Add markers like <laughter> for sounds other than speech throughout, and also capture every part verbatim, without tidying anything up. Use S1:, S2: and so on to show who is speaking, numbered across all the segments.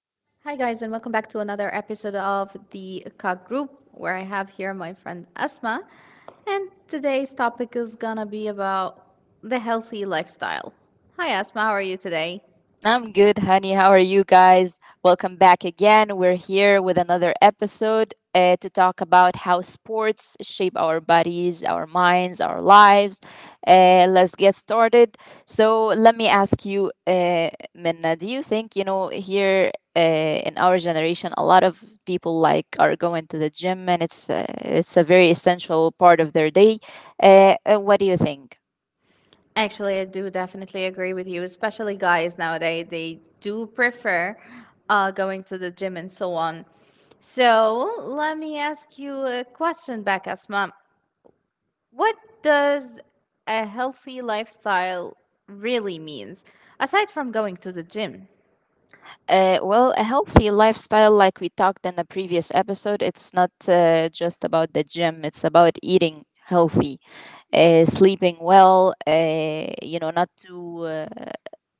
S1: Hi, guys, and welcome back to another episode of the Cock Group, where I have here my friend Asma. And today's topic is gonna be about the healthy lifestyle. Hi, Asma, how are you today?
S2: I'm good, honey. How are you guys? Welcome back again. We're here with another episode uh, to talk about how sports shape our bodies, our minds, our lives. Uh, let's get started. So, let me ask you, uh, Minna, do you think, you know, here uh, in our generation, a lot of people like are going to the gym and it's, uh, it's a very essential part of their day? Uh, uh, what do you think?
S1: Actually, I do definitely agree with you, especially guys nowadays, they do prefer uh, going to the gym and so on. So, let me ask you a question back, Asma. What does a healthy lifestyle really means aside from going to the gym?
S2: Uh, well, a healthy lifestyle, like we talked in the previous episode, it's not uh, just about the gym. It's about eating healthy, uh, sleeping well. Uh, you know, not too uh,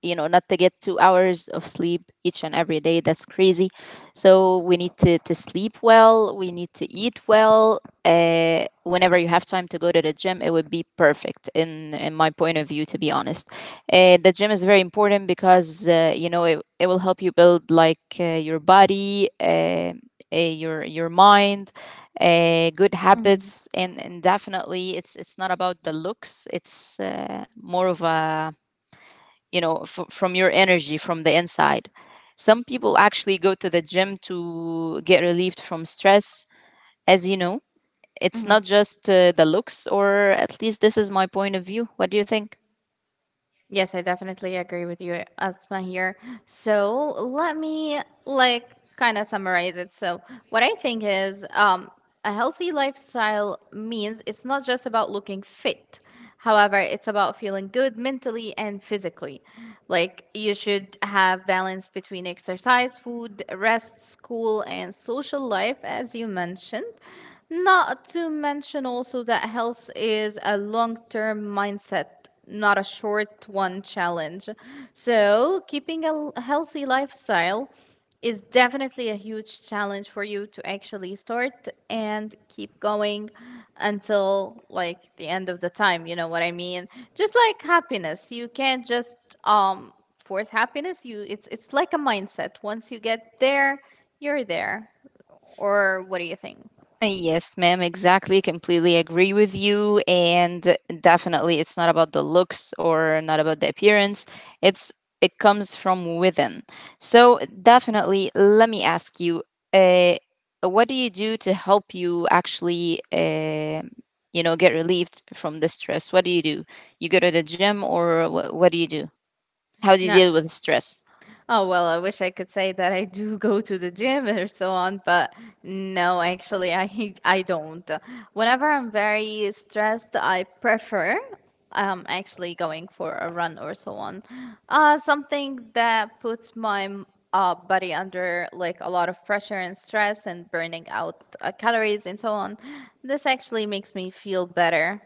S2: you know not to get two hours of sleep each and every day. That's crazy, so we need to, to sleep well. We need to eat well. Uh, whenever you have time to go to the gym, it would be perfect, in, in my point of view, to be honest. Uh, the gym is very important because uh, you know it, it will help you build like uh, your body, uh, uh, your your mind, uh, good
S1: Mhm,
S2: habits, and, and definitely it's it's not about the looks. It's uh, more of a you know f- from your energy, from the inside. Some people actually go to the gym to get relieved from stress. As you know, it's not
S1: mhm.
S2: just uh, the looks, or at least this is my point of view. What do you think?
S1: Yes, I definitely agree with you, Asma here. So let me like kind of summarize it. So what I think is um, a healthy lifestyle means it's not just about looking fit. However, it's about feeling good mentally and physically. Like you should have balance between exercise, food, rest, school, and social life, as you mentioned. Not to mention also that health is a long term mindset not a short one challenge. So, keeping a l- healthy lifestyle is definitely a huge challenge for you to actually start and keep going until like the end of the time, you know what I mean? Just like happiness, you can't just um force happiness. You it's it's like a mindset. Once you get there, you're there. Or what do you think?
S2: Uh, Yes, ma'am, exactly. Completely agree with you. And definitely, it's not about the looks or not about the appearance. It's it comes from within. So definitely, let me ask you, uh, what do you do to help you actually, uh, you know, get relieved from the stress? What do you do? You go to the gym, or wh- what do you do? How do you
S1: No.
S2: deal with stress?
S1: Oh, well, I wish I could say that I do go to the gym or so on, but no, actually, I <laughs> I don't. Whenever I'm very stressed, I prefer um actually going for a run or so on. Uh something that puts my m- uh, body under like a lot of pressure and stress and burning out uh, calories and so on. This actually makes me feel better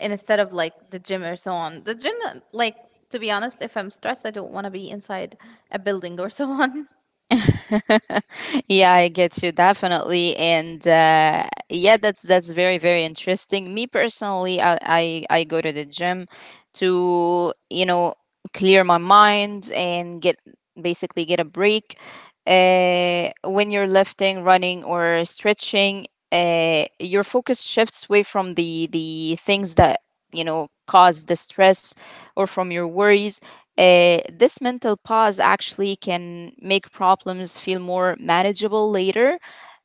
S1: instead of like the gym or so on. The gym, uh, like to be honest, if I'm stressed, I don't want to be inside a building or so on. <laughs>
S2: <laughs> Yeah, I get you definitely, and uh, yeah, that's that's very very interesting. Me personally, I, I I go to the gym to, you know, clear my mind and get, basically, get a break. Uh, when you're lifting, running, or stretching, uh, your focus shifts away from the the things that, you know, cause the stress or from your worries. Uh, this mental pause actually can make problems feel more manageable later.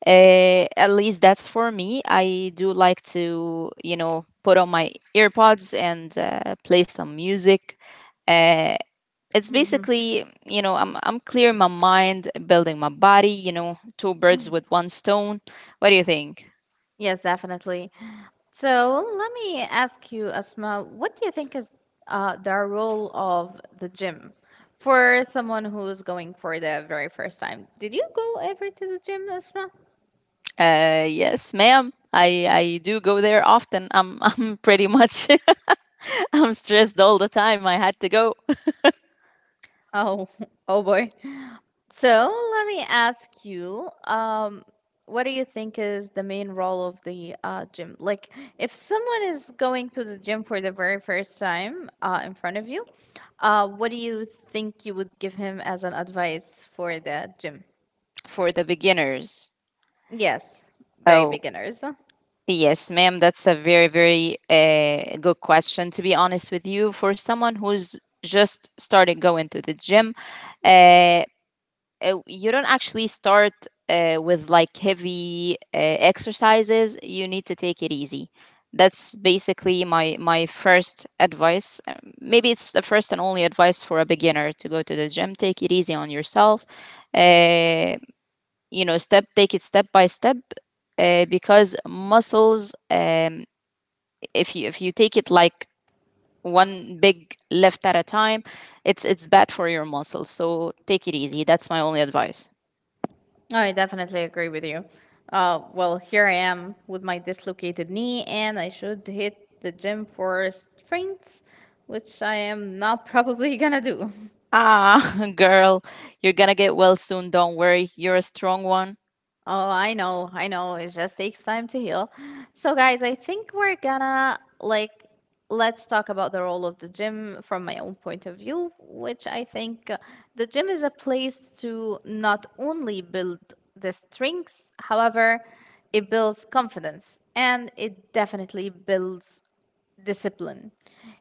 S2: Uh, at least that's for me. I do like to, you know, put on my earpods and uh, play some music. Uh, it's
S1: hmm
S2: basically, you know, I'm I'm clearing my mind, building my body. You know, two birds with one stone. What do you think?
S1: yes, definitely. So let me ask you, Asma, what do you think is uh, the role of the gym for someone who's going for the very first time? Did you go ever to the gym, Asma?
S2: Uh, yes, ma'am. I, I do go there often. I'm <laughs> I'm pretty much <laughs> I'm stressed all the time. I had to go.
S1: Oh, <laughs> oh boy. So let me ask you, um, what do you think is the main role of the uh, gym? Like, if someone is going to the gym for the very first time uh, in front of you, uh, what do you think you would give him as an advice for the gym?
S2: For the beginners?
S1: Yes, very
S2: Oh,
S1: beginners.
S2: yes, ma'am. That's a very, very uh, good question, to be honest with you. For someone who's just started going to the gym, uh, uh, you don't actually start uh, with like heavy uh, exercises. You need to take it easy. That's basically my my first advice. Um, Maybe it's the first and only advice for a beginner to go to the gym. Take it easy on yourself. Uh, you know, step take it step by step, uh, because muscles, um, if you if you take it like one big lift at a time, it's it's bad for your muscles. So take it easy. That's my only advice.
S1: I definitely agree with you. Uh, well, here I am with my dislocated knee, and I should hit the gym for strength, which I am not <laughs> probably gonna do. <laughs>
S2: Ah, <laughs> girl, you're gonna get well soon. Don't worry, you're a strong one.
S1: Oh, I know, I know. It just takes time to heal. So, guys, I think we're gonna like let's talk about the role of the gym from my own point of view, which I think uh, the gym is a place to not only build the strengths, however, it builds confidence and it definitely builds discipline.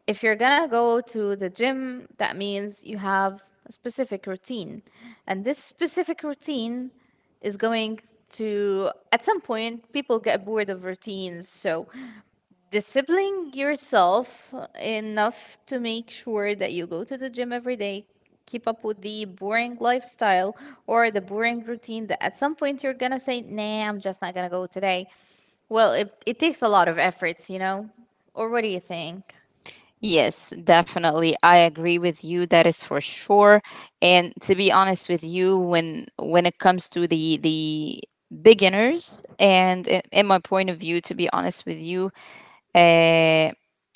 S1: If you're gonna go to the gym, that means you have a specific routine. And this specific routine is going to, at some point, people get bored of routines. So disciplining yourself enough to make sure that you go to the gym every day keep up with the boring lifestyle or the boring routine that at some point you're gonna say nah, I'm just not gonna go today. Well, it, it takes a lot of efforts, you know, or what do you think?
S2: Yes, definitely. I agree with you. That is for sure. And to be honest with you, when when it comes to the the beginners, and i- in my point of view, to be honest with you, uh,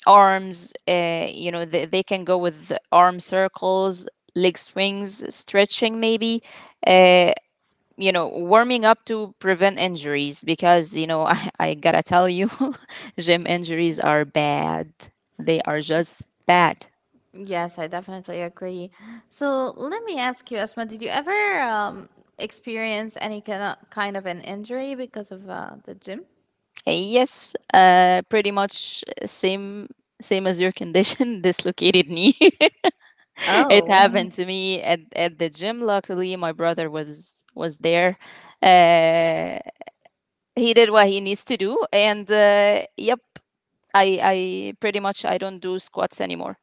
S2: arms. Uh, you know, they, they can go with arm circles, leg swings, stretching maybe. Uh, you know, warming up to prevent injuries, because you know, <laughs> I, I gotta tell you, <laughs> gym injuries are bad. They are just bad.
S1: Yes, I definitely agree. So let me ask you, Asma, did you ever um, experience any kind of, kind of an injury because of uh, the gym?
S2: Yes, uh, pretty much same same as your condition, <laughs> dislocated knee. <laughs> <laughs> It
S1: Oh.
S2: happened to me at, at the gym. Luckily, my brother was was there. Uh, he did what he needs to do, and uh, yep, i i pretty much I don't do squats anymore.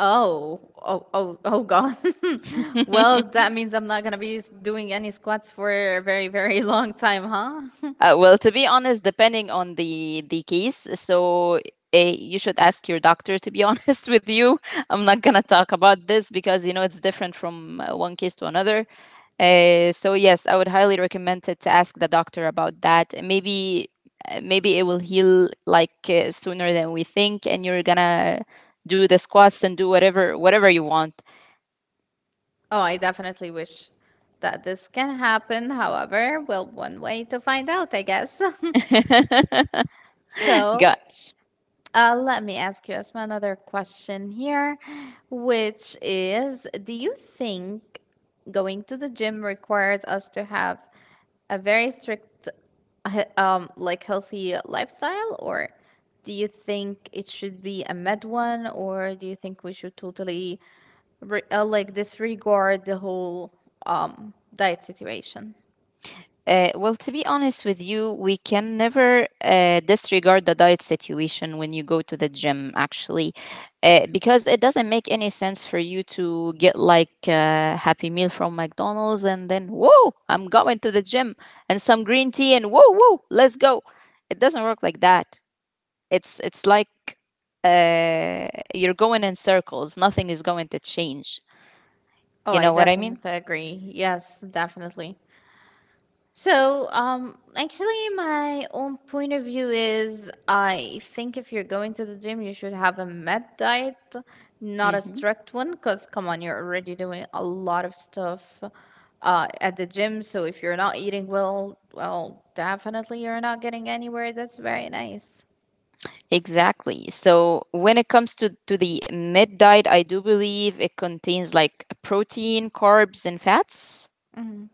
S1: Oh, oh, oh, oh, God. <laughs>
S2: <laughs> uh,
S1: Well, that means I'm not going to be s- doing any squats for a very, very <laughs> long time, huh?
S2: well, to be honest, depending on the the case. So uh, you should ask your doctor to be <laughs> honest with you. I'm not gonna talk about this because, you know, it's different from uh, one case to another. Uh, so yes, I would highly recommend it to ask the doctor about that. Maybe uh, maybe it will heal like uh, sooner than we think, and you're gonna do the squats and do whatever whatever you want.
S1: <laughs> Oh, I definitely wish that this can happen. However, well, one way to find out, I guess.
S2: <laughs>
S1: <laughs> So,
S2: Got.
S1: Uh, let me ask you as my another question here, which is, do you think going to the gym requires us to have a very strict, he- um, like healthy lifestyle, or do you think it should be a med one, or do you think we should totally re- uh, like disregard the whole um diet situation?
S2: Uh, well, to be honest with you, we can never uh, disregard the diet situation when you go to the gym, actually, uh, because it doesn't make any sense for you to get like a Happy Meal from McDonald's, and then, whoa, I'm going to the gym and some green tea, and whoa, whoa, let's go. It doesn't work like that. It's it's like, uh, you're going in circles. Nothing is going to change.
S1: Oh,
S2: You
S1: I
S2: know what I mean?
S1: definitely agree. Yes, definitely. So, um, actually, my own point of view is I think if you're going to the gym, you should have a med diet, not a
S2: Hmm.
S1: strict one, because come on, you're already doing a lot of stuff uh, at the gym. So, if you're not eating well, well, definitely you're not getting anywhere. That's very nice.
S2: Exactly. So when it comes to, to the mid diet, I do believe it contains like protein, carbs, and fats.
S1: hmm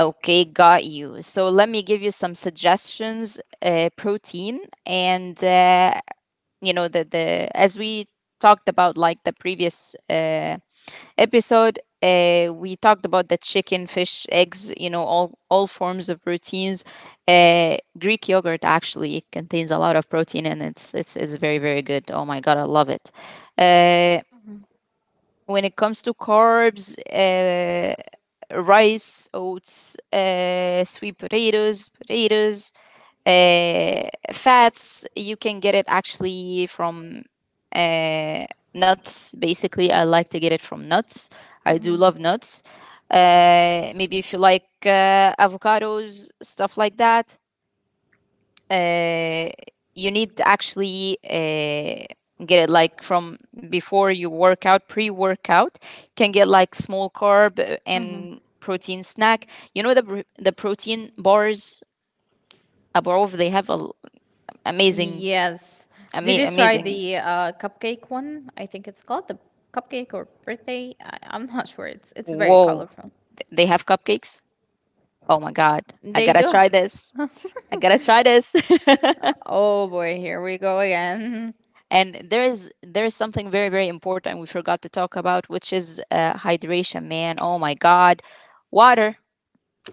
S2: Okay, got you. So let me give you some suggestions. Uh, protein, and uh, you know, the the as we talked about, like the previous uh, episode, uh, we talked about the chicken, fish, eggs, you know, all, all forms of proteins. Uh, Greek yogurt actually contains a lot of protein, and it's, it's, it's very, very good. Oh my God, I love it. Uh, when it comes to carbs, uh, rice, oats, uh, sweet potatoes, potatoes, uh, fats you can get it actually from uh, nuts. Basically, I like to get it from nuts. I do love
S1: hmm
S2: nuts. Uh, maybe if you like uh, avocados, stuff like that. Uh, you need to actually, uh, get it like from before you work out. Pre-workout, can get like small carb uh,
S1: hmm
S2: and protein snack. You know, the, pr- the protein bars above, they have a l amazing.
S1: Yes. Did
S2: Ama-
S1: you try
S2: amazing.
S1: the uh, cupcake one? I think it's called the cupcake or birthday. I, I'm not sure. It's it's very
S2: Whoa,
S1: colorful.
S2: th- they have cupcakes? Oh my god. I got
S1: They
S2: to
S1: do.
S2: try this.
S1: <laughs>
S2: I got to try this.
S1: Oh boy, here we go again.
S2: <laughs> And there is there is something very, very important we forgot to talk about, which is uh, hydration, man. Oh my god. Water.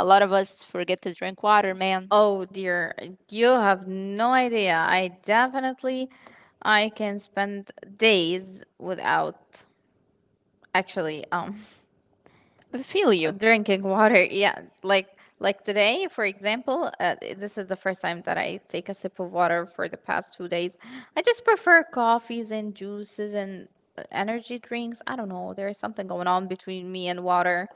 S2: A lot of us forget to drink water, man.
S1: Oh dear, you have no idea. I definitely I can spend days without actually um <laughs>
S2: I feel you.
S1: drinking water <laughs> yeah, like like today for example, uh, this is the first time that I take a sip of water for the past two days. I just prefer coffees and juices and uh, energy drinks. I don't know, there's something going on between me and water.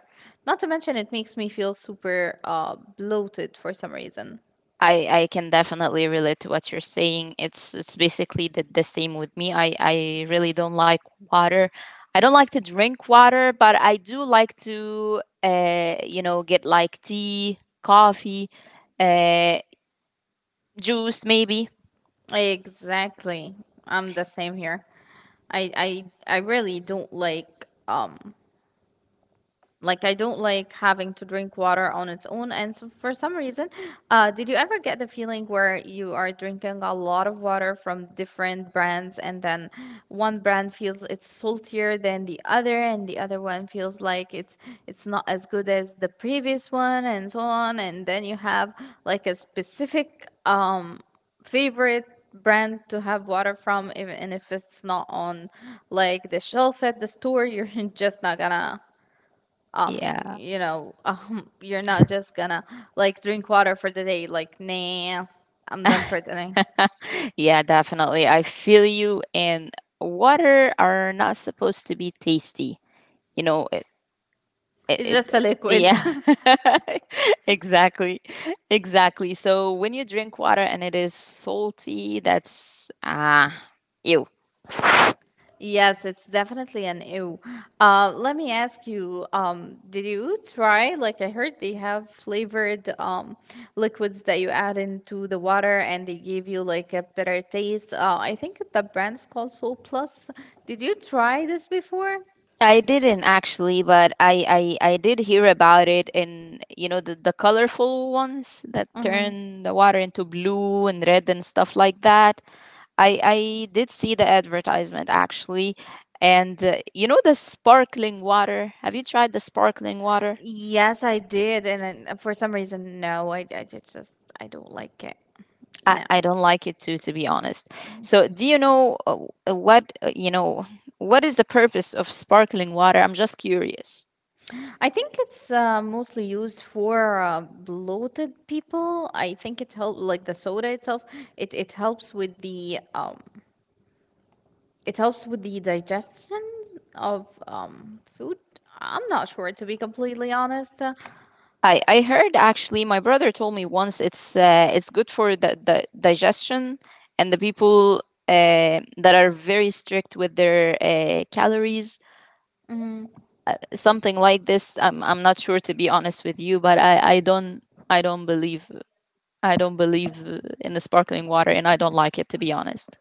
S1: Not to mention it makes me feel super uh bloated for some reason.
S2: I I can definitely relate to what you're saying. It's it's basically the, the same with me. I I really don't like water. I don't like to drink water, but I do like to, uh you know, get like tea, coffee, uh juice maybe.
S1: Exactly, I'm the same here. I i i really don't like um like I don't like having to drink water on its own. And so for some reason, uh, did you ever get the feeling where you are drinking a lot of water from different brands, and then one brand feels it's saltier than the other, and the other one feels like it's it's not as good as the previous one, and so on. And then you have like a specific um favorite brand to have water from, even and if it's not on like the shelf at the store, you're <laughs> just not gonna um
S2: Yeah.
S1: you know <laughs> um you're not just gonna like drink water for the day. Like, nah, I'm done for the day.
S2: <laughs> Yeah, definitely. I feel you. And water are not supposed to be tasty. You know, it,
S1: It's just
S2: it-
S1: a liquid.
S2: yeah.
S1: <laughs>
S2: <laughs> Exactly. Exactly. So when you drink water and it is salty, that's ah, ew.
S1: Yes, it's definitely an ew. Uh let me ask you, um did you try, like, I heard they have flavored um liquids that you add into the water and they give you like a better taste. uh I think the brand's called soul plus. Did you try this before?
S2: I didn't actually, but I, I i did hear about it, in, you know, the, the colorful ones that
S1: Mm-hmm.
S2: turn the water into blue and red and stuff like that. I i did see the advertisement actually. And uh, you know, the sparkling water. Have you tried the sparkling water?
S1: Yes, I did, and then uh, for some reason, no, I, I just just- I don't like it.
S2: I,
S1: No,
S2: I don't like it too, to be honest. So, do you know uh, uh, what uh, you know, what is the purpose of sparkling water? I'm just curious.
S1: I think it's uh, mostly used for uh, bloated people. I think it helps, like the soda itself. It it helps with the um, it helps with the digestion of um food. I'm not sure to be completely honest.
S2: I I heard, actually, my brother told me once it's uh, it's good for the, the digestion and the people uh, that are very strict with their uh, calories,
S1: Uh,
S2: uh, something like this. I'm I'm not sure, to be honest with you, but I I don't I don't believe I don't believe uh, in the sparkling water, and I don't like it, to be honest.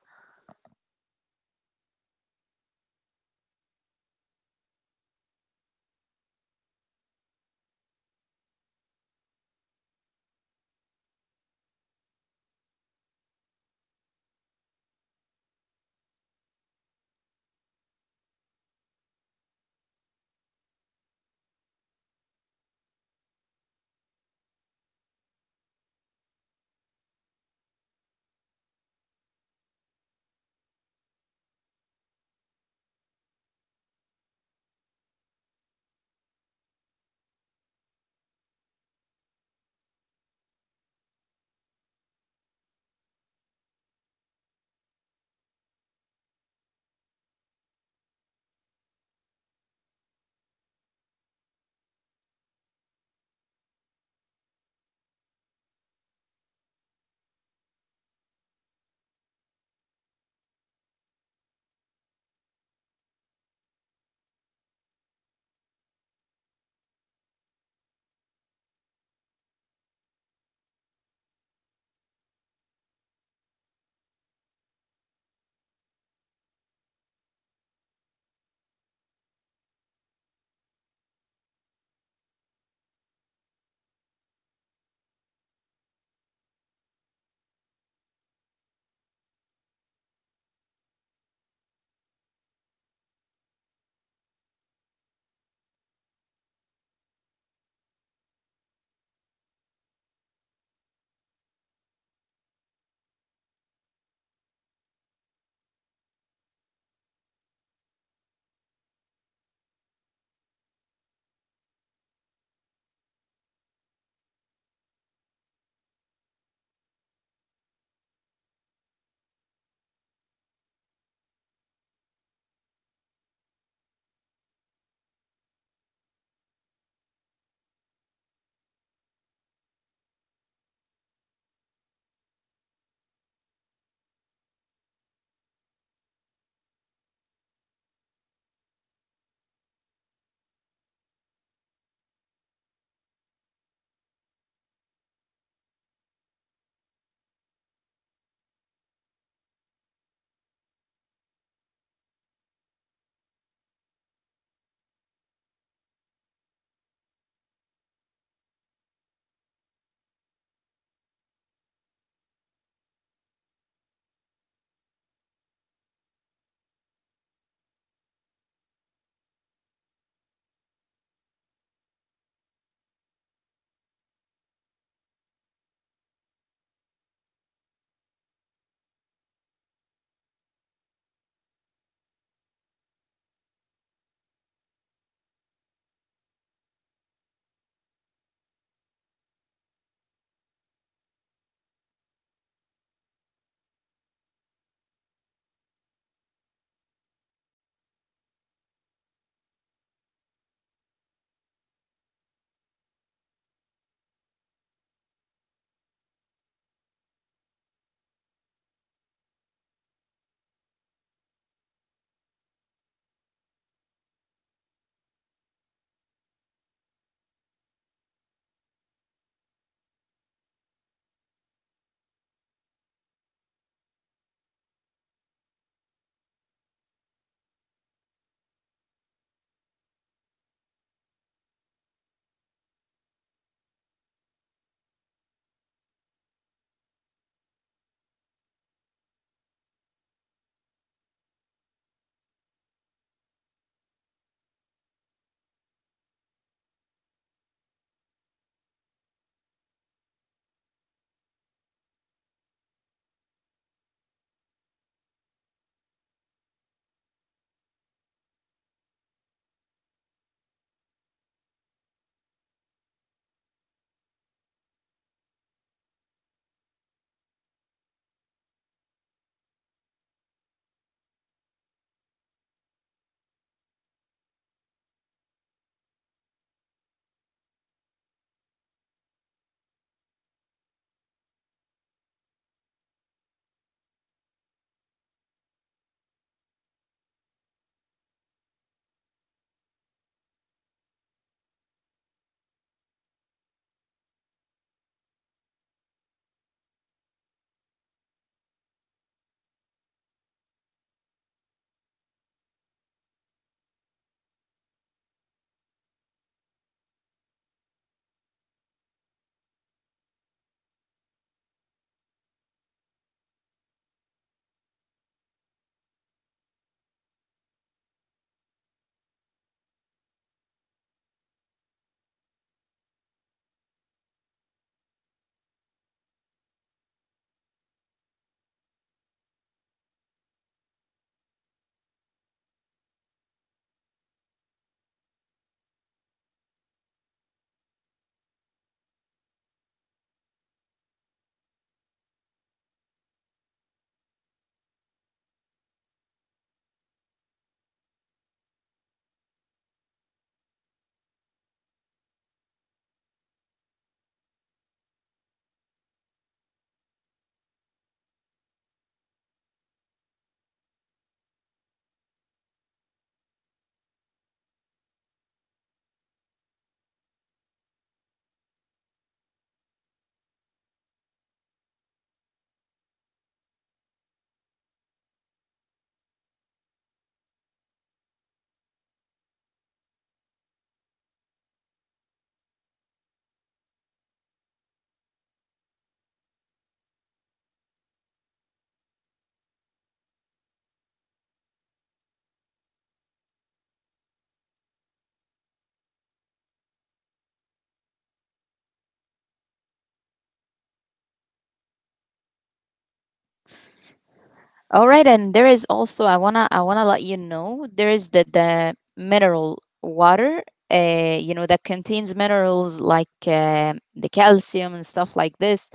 S2: All right, and there is also, I wanna I wanna let you know, there is the the mineral water, uh, you know, that contains minerals like uh, the calcium and stuff like this.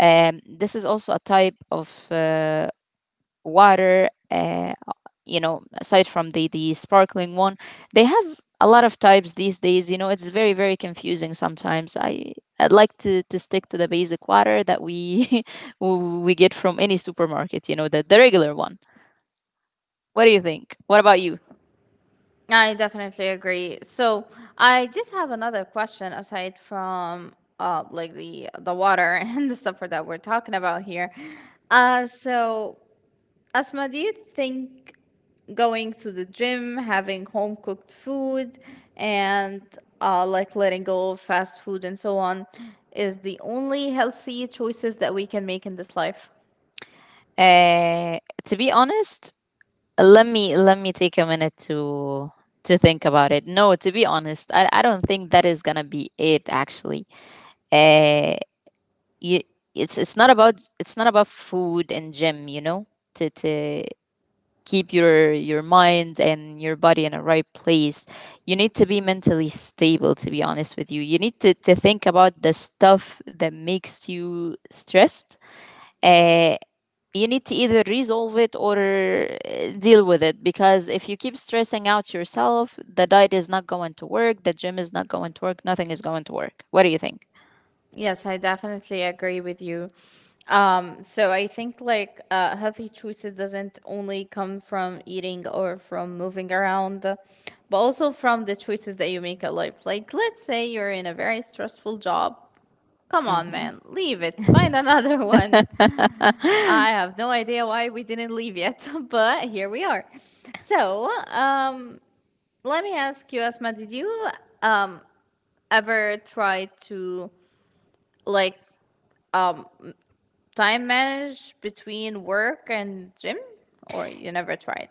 S2: Um, this is also a type of uh, water. Uh, you know, aside from the the sparkling one, they have a lot of types these days. You know, it's very, very confusing sometimes. I I'd like to to stick to the basic water that we <laughs> we get from any supermarket. You know, the the regular one. What do you think? What about you?
S1: I definitely agree. So I just have another question aside from uh like the the water <laughs> and the stuff that we're talking about here. Uh so Asma, do you think going to the gym, having home cooked food, and uh like letting go of fast food and so on is the only healthy choices that we can make in this life?
S2: Uh, to be honest, let me let me take a minute to to think about it. No, to be honest, I, I don't think that is gonna be it actually. Uh, you, it's it's not about it's not about food and gym, you know, to to keep your your mind and your body in a right place. You need to be mentally stable, to be honest with you. You need to, to think about the stuff that makes you stressed. Uh. You need to either resolve it or uh, deal with it, because if you keep stressing out yourself, the diet is not going to work, the gym is not going to work, nothing is going to work. What do you think?
S1: Yes, I definitely agree with you. Um, so I think like uh, healthy choices doesn't only come from eating or from moving around, but also from the choices that you make at life. Like, let's say you're in a very stressful job. Come on,
S2: Hmm.
S1: man, leave it. Find another <laughs> one.
S2: <laughs> uh,
S1: I have no idea why we didn't leave yet, <laughs> but here we are. So, um, let me ask you, Asma, did you um ever try to like um time manage between work and gym? Or you never tried?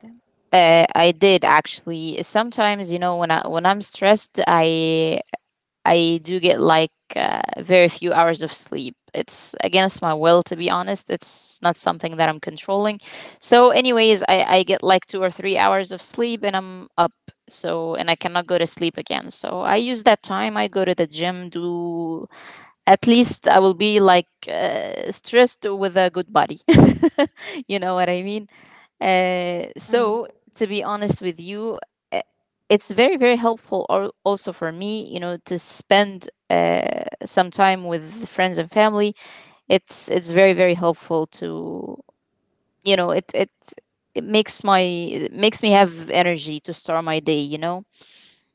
S2: I did actually. Sometimes you know, when i when i'm stressed, i I do get like uh, very few hours of sleep. It's against my will, to be honest. It's not something that I'm controlling. So anyways, I, I get like two or three hours of sleep and I'm up. So, and I cannot go to sleep again. So I use that time. I go to the gym, do, at least I will be like uh, stressed with a good body. <laughs> You know what I mean? Uh,
S1: Mm.
S2: so to be honest with you, uh, it's very very helpful, al- also for me, you know, to spend uh, some time with friends and family. It's it's very very helpful to, you know, it it it makes my it makes me have energy to start my day. You know.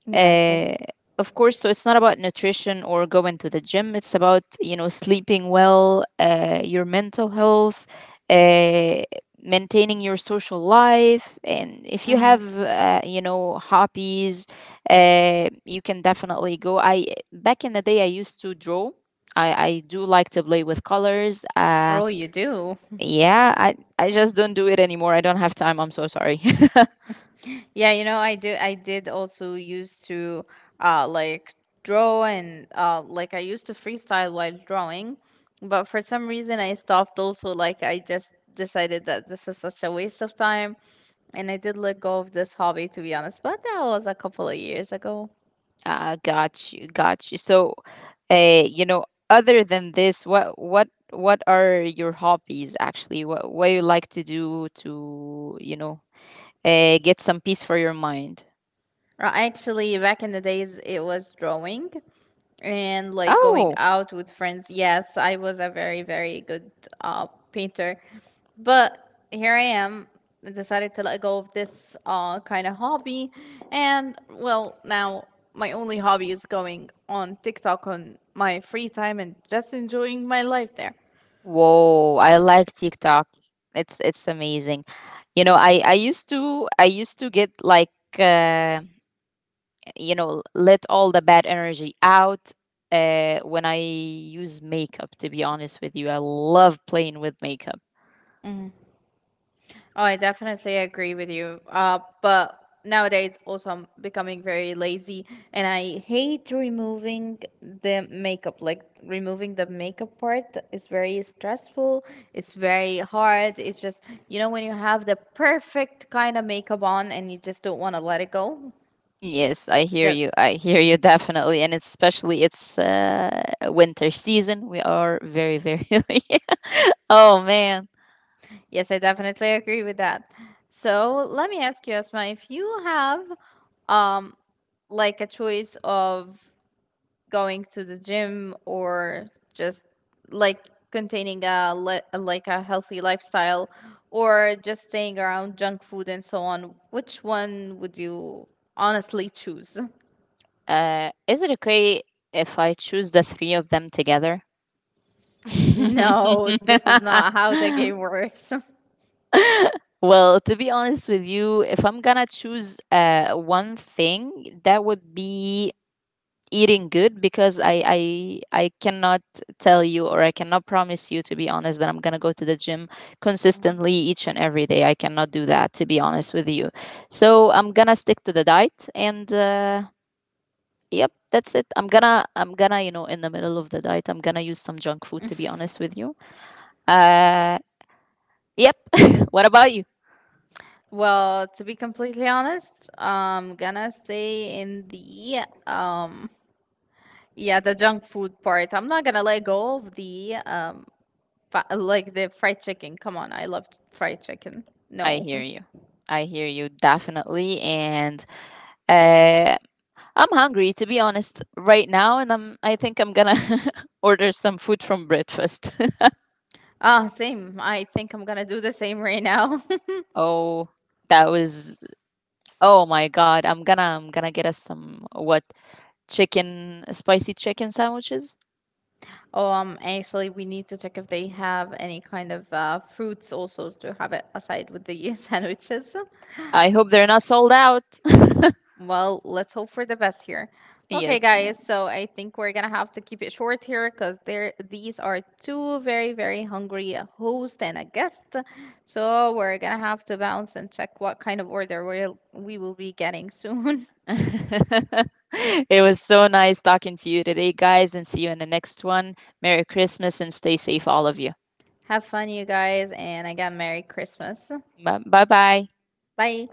S1: Yes. I,
S2: Uh, of course, so it's not about nutrition or going to the gym. It's about, you know, sleeping well, uh, your mental health, uh, maintaining your social life, and if you
S1: mhm.
S2: have uh, you know, hobbies, uh, you can definitely go. I Back in the day I used to draw. I I do like to play with colors. Uh,
S1: Oh, you do? <laughs>
S2: yeah, I I just don't do it anymore. I don't have time. I'm so sorry. <laughs>
S1: Yeah, you know, I do. I did also used to uh like draw and uh like I used to freestyle while drawing, but for some reason I stopped also. Like, I just decided that this is such a waste of time, and I did let go of this hobby, to be honest, but that was a couple of years ago.
S2: Uh, got you, got you. So uh, you know, other than this, what what what are your hobbies actually? What what you like to do to, you know, uh, get some peace for your mind?
S1: Uh, Actually, back in the days it was drawing and like going
S2: Oh,
S1: out with friends. Yes, I was a very, very good uh, painter. But here I am. I decided to let go of this uh, kind of hobby. And well, now my only hobby is going on TikTok on my free time and just enjoying my life there.
S2: whoa! I like TikTok. It's it's amazing. You know, I I used to I used to get like uh, you know, let all the bad energy out uh, when I use makeup. To be honest with you, I love playing with makeup.
S1: Oh, I definitely agree with you. Uh, but nowadays also I'm becoming very lazy and I hate removing the makeup. Like removing the makeup part is very stressful. It's very hard. It's just, you know, when you have the perfect kind of makeup on and you just don't want to let it go.
S2: Yes, I hear
S1: Yeah.
S2: you. I hear you, <laughs> definitely, and especially it's uh, winter season. We are very, very <laughs> late. Oh man.
S1: Yes, I definitely agree with that. So let me ask you, Asma, if you have um like a choice of going to the gym or just like containing a, le- a- like a healthy lifestyle or just staying around junk food and so on, which one would you honestly choose?
S2: Uh, is it okay if I choose the three of them together?
S1: <laughs>
S2: <laughs>
S1: No, this is not how the game works.
S2: Well, to be honest with you, if I'm gonna choose uh, one thing, that would be eating good, because I, I I cannot tell you, or I cannot promise you to be honest, that I'm gonna go to the gym consistently
S1: <laughs>
S2: each and every day. I cannot do that, to be honest with you. So I'm gonna stick to the diet and uh, yep, that's it. I'm gonna I'm gonna, you know, in the middle of the diet I'm gonna use some junk food, to be honest with you. Uh, yep. <laughs> What about you?
S1: Well, to be completely honest, I'm gonna stay in the um yeah the junk food part. I'm not gonna let go of the um fa- like the fried chicken. Come on, I love fried chicken.
S2: I
S1: No.
S2: hear you. I hear you definitely. And Uh, I'm hungry, to be honest, right now, and I'm I think I'm going to <laughs> order some food from breakfast.
S1: Ah, same. I think I'm gonna do the same right now. <laughs>
S2: <laughs> Oh, that was, oh my god. I'm going to I'm going to get us some, what, chicken spicy chicken sandwiches.
S1: Oh, um, actually, we need to check if they have any kind of uh, fruits also to have it aside with the <laughs> sandwiches.
S2: I hope they're not sold out.
S1: Well, let's hope for the best here.
S2: <laughs>
S1: Okay,
S2: Yes, ma'am.
S1: guys. So I think we're gonna have to keep it short here because there these are two very very hungry a host and a guest. So we're gonna have to bounce and check what kind of order we'll we will be getting soon.
S2: <laughs> It was so nice talking to you today, guys, and see you in the next one. Merry Christmas and stay safe, all of you.
S1: <laughs> Have fun, you guys, and again, Merry Christmas.
S2: Bye bye.
S1: Bye.